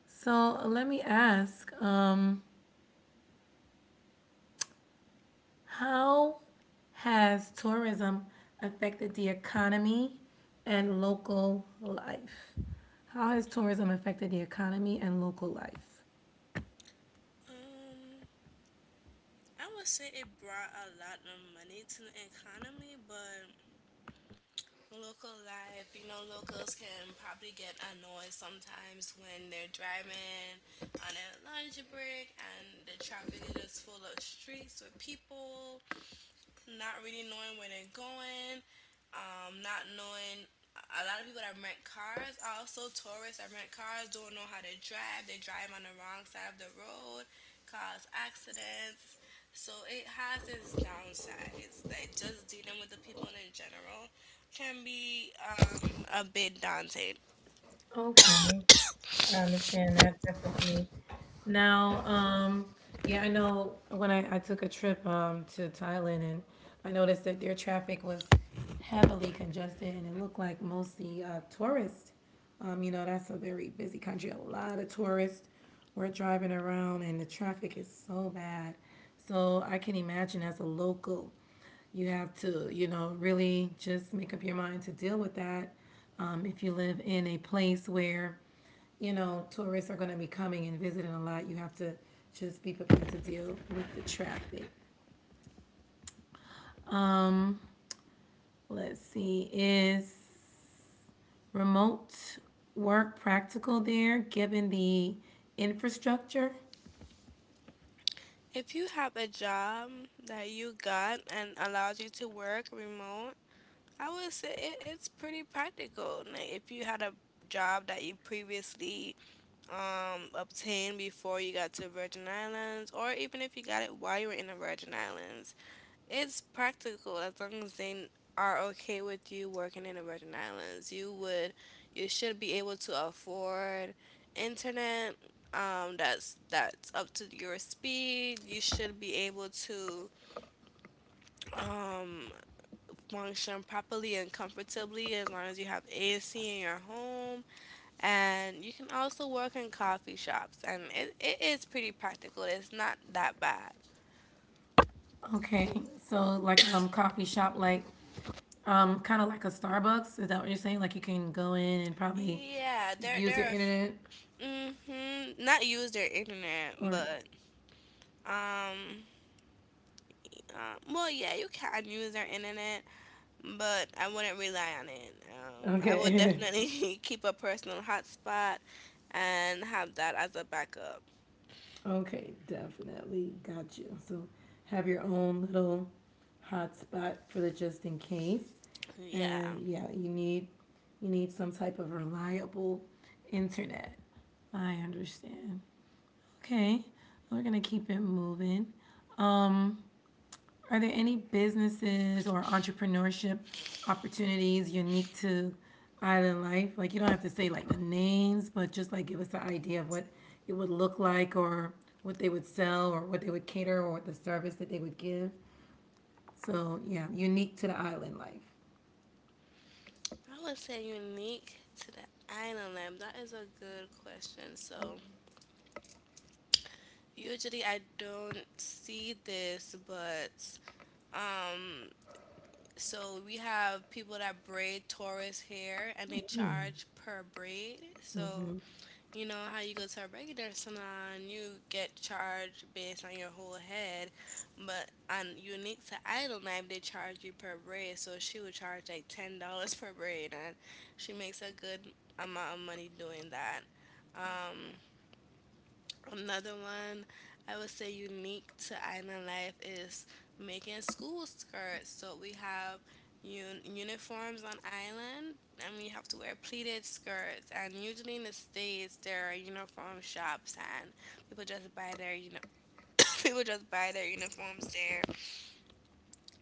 A: So let me ask. Um, How has tourism affected the economy and local life? How has tourism affected the economy and local life?
B: Um, I would say it brought a lot of money to the economy, but local life. You know, locals can probably get annoyed sometimes when they're driving on a lunch break and the traffic is full of streets with people not really knowing where they're going, um, not knowing a lot of people that rent cars also tourists that rent cars don't know how to drive. They drive on the wrong side of the road, cause accidents. So it has its downsides. Like just dealing with the people in general can be um, a bit daunting.
A: Okay. I understand that definitely. Now, um, yeah, I know when I, I took a trip um to Thailand, and I noticed that their traffic was heavily congested and it looked like mostly uh, tourists. Um, you know, that's a very busy country. A lot of tourists were driving around and the traffic is so bad. So I can imagine as a local, you have to, you know, really just make up your mind to deal with that. Um, if you live in a place where, you know, tourists are going to be coming and visiting a lot. You have to just be prepared to deal with the traffic. Um, let's see, is remote work practical there given the infrastructure?
B: If you have a job that you got and allows you to work remote, I would say it, it's pretty practical. Now, if you had a job that you previously um, obtained before you got to the Virgin Islands, or even if you got it while you were in the Virgin Islands, it's practical as long as they are okay with you working in the Virgin Islands. You would, you should be able to afford internet. Um, that's that's up to your speed. You should be able to um function properly and comfortably as long as you have A C in your home. And you can also work in coffee shops, and it, it is pretty practical. It's not that bad.
A: Okay, so like um coffee shop, like um kind of like a Starbucks. Is that what you're saying? Like you can go in and probably
B: Yeah, they're
A: use your
B: they're
A: internet
B: mm-hmm, not use their internet,
A: or
B: but um, uh, well, yeah, you can use their internet, but I wouldn't rely on it. Um, I would
A: okay. *laughs*
B: definitely *laughs* keep a personal hotspot and have that as a backup.
A: Okay, definitely. Got you. So have your own little hotspot for the just in case.
B: Yeah.
A: And yeah, you need you need some type of reliable internet. I understand. Okay. We're gonna keep it moving. Um, are there any businesses or entrepreneurship opportunities unique to Island Life? Like, you don't have to say like the names, but just like give us an idea of what it would look like or what they would sell or what they would cater or what the service that they would give. So, yeah, unique to the Island Life.
B: I would say unique to the island lamp. That is a good question. So usually I don't see this, but um, so we have people that braid Taurus hair and they charge per braid. So
A: Mm-hmm.
B: you know how you go to a regular salon, you get charged based on your whole head, but on unique to Idol Night, they charge you per braid. So she would charge like ten dollars per braid, and she makes a good amount of money doing that. Um, Another one I would say unique to island life is making school skirts. So we have un- uniforms on island, and we have to wear pleated skirts. And usually in the states, there are uniform shops, and people just buy their you know *coughs* people just buy their uniforms there.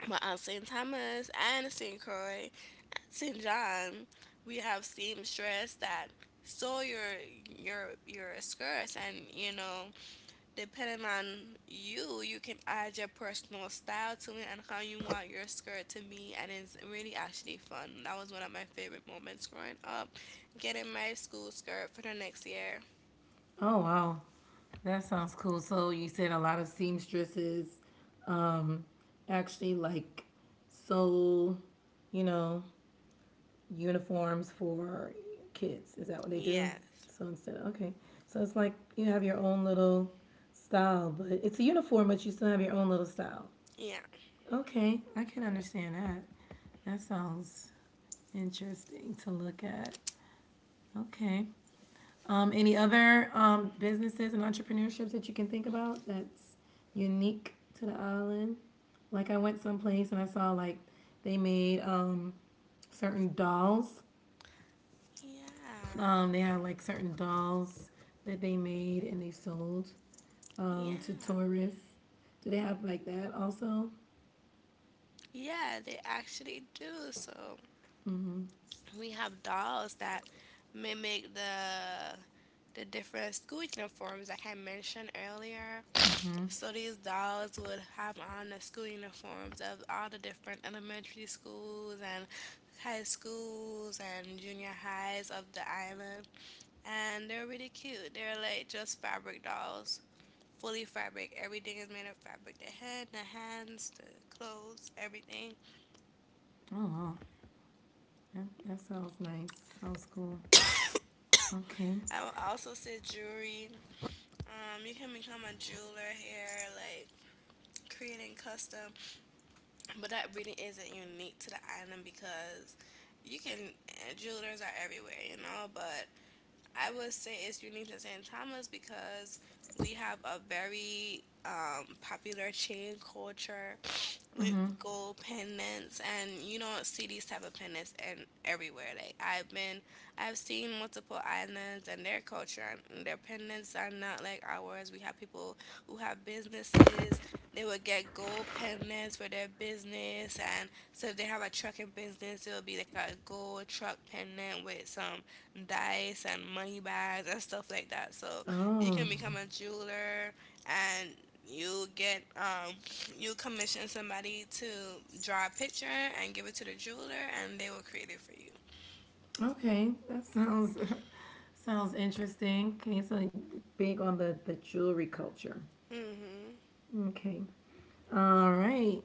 B: But on Saint Thomas and Saint Croix, Saint John, we have seamstress that sew your your your skirts, and you know, depending on you, you can add your personal style to it and how you want your skirt to be, and it's really actually fun. That was one of my favorite moments growing up, getting my school skirt for the next year.
A: Oh, wow. That sounds cool. So, you said a lot of seamstresses actually like sew, you know, uniforms for kids. Is that what they do?
B: Yes,
A: So instead, of, okay. So it's like you have your own little style, but it's a uniform, but you still have your own little style.
B: yeah,
A: Okay, I can understand that. That sounds interesting to look at. Okay. Um, any other um, businesses and entrepreneurships that you can think about that's unique to the island? Like I went someplace and I saw like they made um, certain dolls
B: yeah,
A: Um, they had like certain dolls that they made and they sold um, to
B: yeah,
A: tourists. Do they have like that also?
B: yeah. They actually do. So
A: Mm-hmm.
B: we have dolls that mimic the the different school uniforms, like I mentioned earlier. So these dolls would have on the school uniforms of all the different elementary schools and high schools and junior highs of the island. And they're really cute. They're like just fabric dolls, fully fabric. Everything is made of fabric, the head, the hands, the clothes, everything.
A: Oh, wow. that, that sounds nice. Sounds cool. Okay.
B: I will also say jewelry. Um, you can become a jeweler here, like creating custom. But that really isn't unique to the island because you can, uh, jewelers are everywhere, you know. But I would say it's unique to Saint Thomas because we have a very um, popular chain culture with
A: Mm-hmm.
B: gold pendants, and you don't see these type of pendants and everywhere. Like I've been, I've seen multiple islands and their culture. And their pendants are not like ours. We have people who have businesses. They would get gold pendants for their business, and so if they have a trucking business, it would be like a gold truck pendant with some dice and money bags and stuff like that. So you
A: Oh,
B: can become a jeweler and you get um you commission somebody to draw a picture and give it to the jeweler and they will create it for you.
A: okay. That sounds *laughs* sounds interesting. Okay, so big on the the jewelry culture.
B: Mhm.
A: Okay. All right.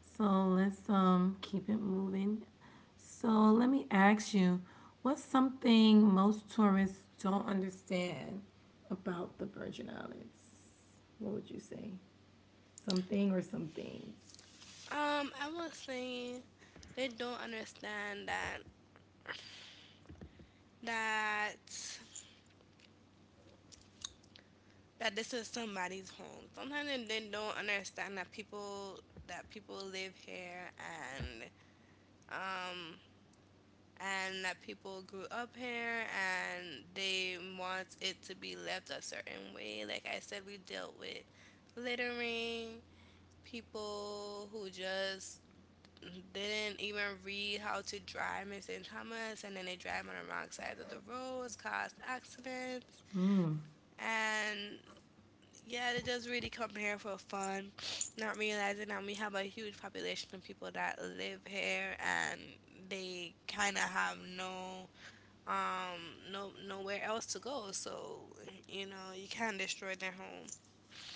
A: So let's um keep it moving. So let me ask you, what's something most tourists don't understand about the Virgin Islands? What would you say? Something or some things?
B: Um, I would say they don't understand that that that this is somebody's home. Sometimes they they don't understand that people that people live here and um. and that people grew up here and they want it to be left a certain way. Like I said, we dealt with littering, people who just didn't even read how to drive in Saint Thomas and then they drive on the wrong side of the roads, caused accidents.
A: Hmm.
B: And yeah, they just really come here for fun, not realizing that we have a huge population of people that live here and they kind of have no um no nowhere else to go, so you know, you can't destroy their home.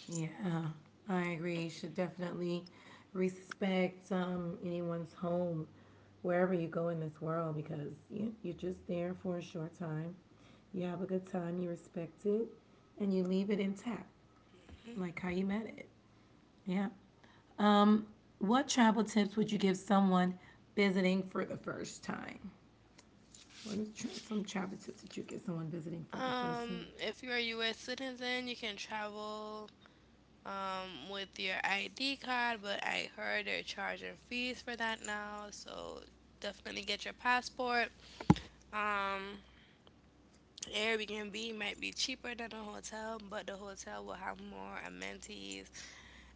A: Yeah, I agree. You should definitely respect um, anyone's home wherever you go in this world because you, you're just there for a short time. You have a good time, you respect it, and you leave it intact, like how you met it. Yeah. Um, what travel tips would you give someone visiting for the first time? What is tra- some travel tips that you give someone visiting for the first time?
B: Um if you're a US citizen, you can travel um with your ID card, but I heard they're charging fees for that now, so definitely get your passport. um Airbnb might be cheaper than a hotel, but the hotel will have more amenities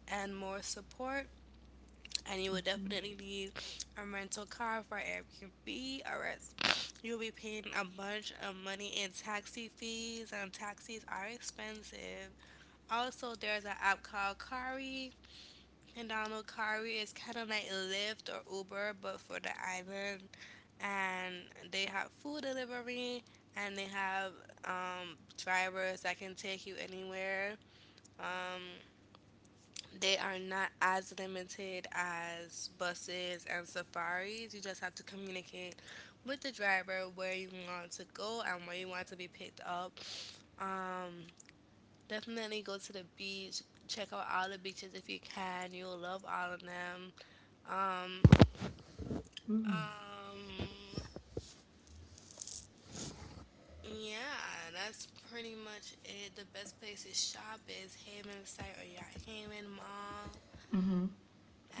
B: and more support, and you would
A: Mhm.
B: definitely need a rental car for Airbnb, or else you'll be paying a bunch of money in taxi fees, and taxis are expensive. Also, there's an app called Kari. And download Kari. It's kind of like Lyft or Uber, but for the island. And they have food delivery, and they have um, drivers that can take you anywhere. Um, they are not as limited as buses and safaris. You just have to communicate with the driver where you want to go and where you want to be picked up. Um, Definitely go to the beach. Check out all the beaches if you can. You'll love all of them. Um,
A: Mhm.
B: um, yeah, that's pretty much it. The best place to shop is Haven Site or Yacht Haven Mall
A: Mhm.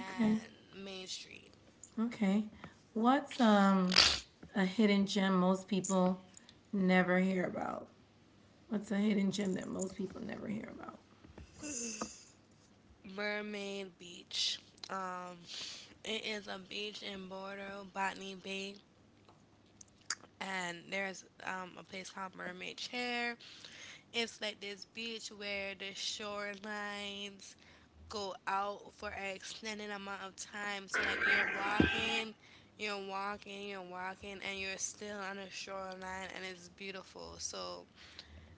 A: Okay.
B: Main Street.
A: Okay. What's um a hidden gem most people never hear about? What's a hidden gem that most people never hear about?
B: Mermaid Beach. Um, it is a beach in Bordeaux, Botany Bay, and there's um, a place called Mermaid Chair. It's like this beach where the shorelines go out for an extended amount of time. So like you're walking, you're walking, you're walking, and you're still on the shoreline, and it's beautiful. So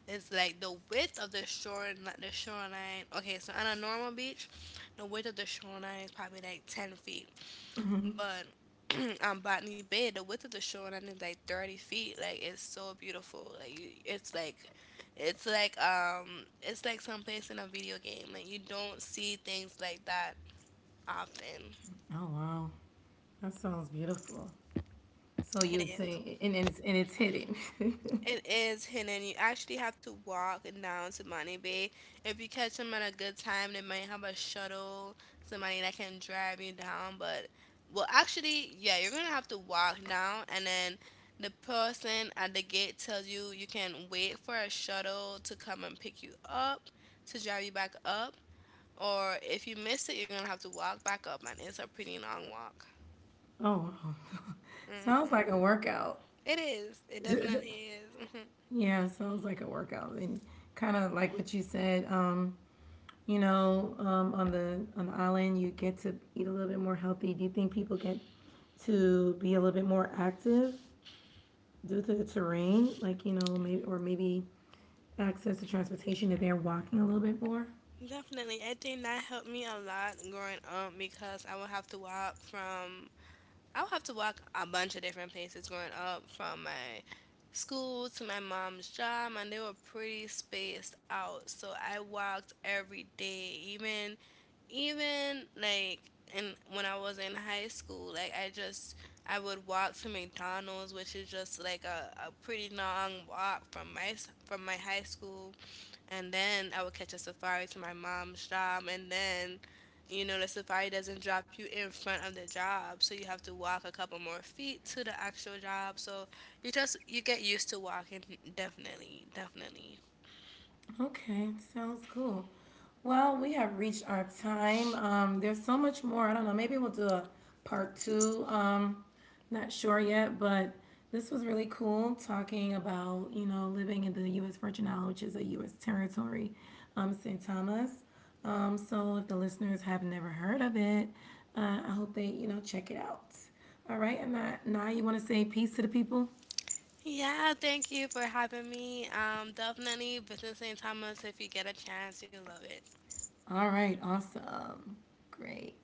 B: it's like the width of the shore, like the shoreline. Okay, so on a normal beach, the width of the shoreline is probably like ten feet,
A: Mhm.
B: but *clears throat* on Botany Bay, the width of the shoreline is like thirty feet. Like it's so beautiful. Like you, it's like, it's like um, it's like someplace in a video game. Like you don't see things like that often.
A: Oh wow, that sounds beautiful. So you
B: It
A: would
B: is.
A: say, and, and it's and it's hidden. *laughs*
B: It is hidden. You actually have to walk down to Money Bay. If you catch them at a good time, they might have a shuttle, somebody that can drive you down. But, well, actually, yeah, you're gonna have to walk down, and then the person at the gate tells you you can wait for a shuttle to come and pick you up, to drive you back up, or if you miss it, you're gonna have to walk back up, and it's a pretty long walk.
A: Oh wow, sounds
B: Hmm.
A: like a workout.
B: It is. It
A: *laughs*
B: definitely is. *laughs*
A: Yeah, sounds like a workout, and kind of like what you said. Um, you know, um, on the on the island, you get to eat a little bit more healthy. Do you think people get to be a little bit more active due to the terrain, like you know, maybe or maybe access to transportation if they're walking a little bit more?
B: Definitely. I think that helped me a lot growing up because I would have to walk from I would have to walk a bunch of different places growing up from my school to my mom's job, and they were pretty spaced out. So I walked every day. Even even like in when I was in high school, like I just I would walk to McDonald's, which is just like a, a pretty long walk from my s- from my high school, and then I would catch a safari to my mom's job, and then, you know, the safari doesn't drop you in front of the job, so you have to walk a couple more feet to the actual job. So you just you get used to walking, definitely, definitely.
A: Okay, sounds cool. Well, we have reached our time. Um, there's so much more. I don't know. Maybe we'll do a part two. Um, not sure yet, but this was really cool talking about, you know, living in the U S. Virgin Islands, which is a U S territory, um, Saint Thomas. Um, so if the listeners have never heard of it, uh, I hope they, you know, check it out. All right. And now, now you want to say peace to the people?
B: Yeah, thank you for having me. Um, definitely visit Saint Thomas if you get a chance, you'll love it.
A: All right. Awesome. Great.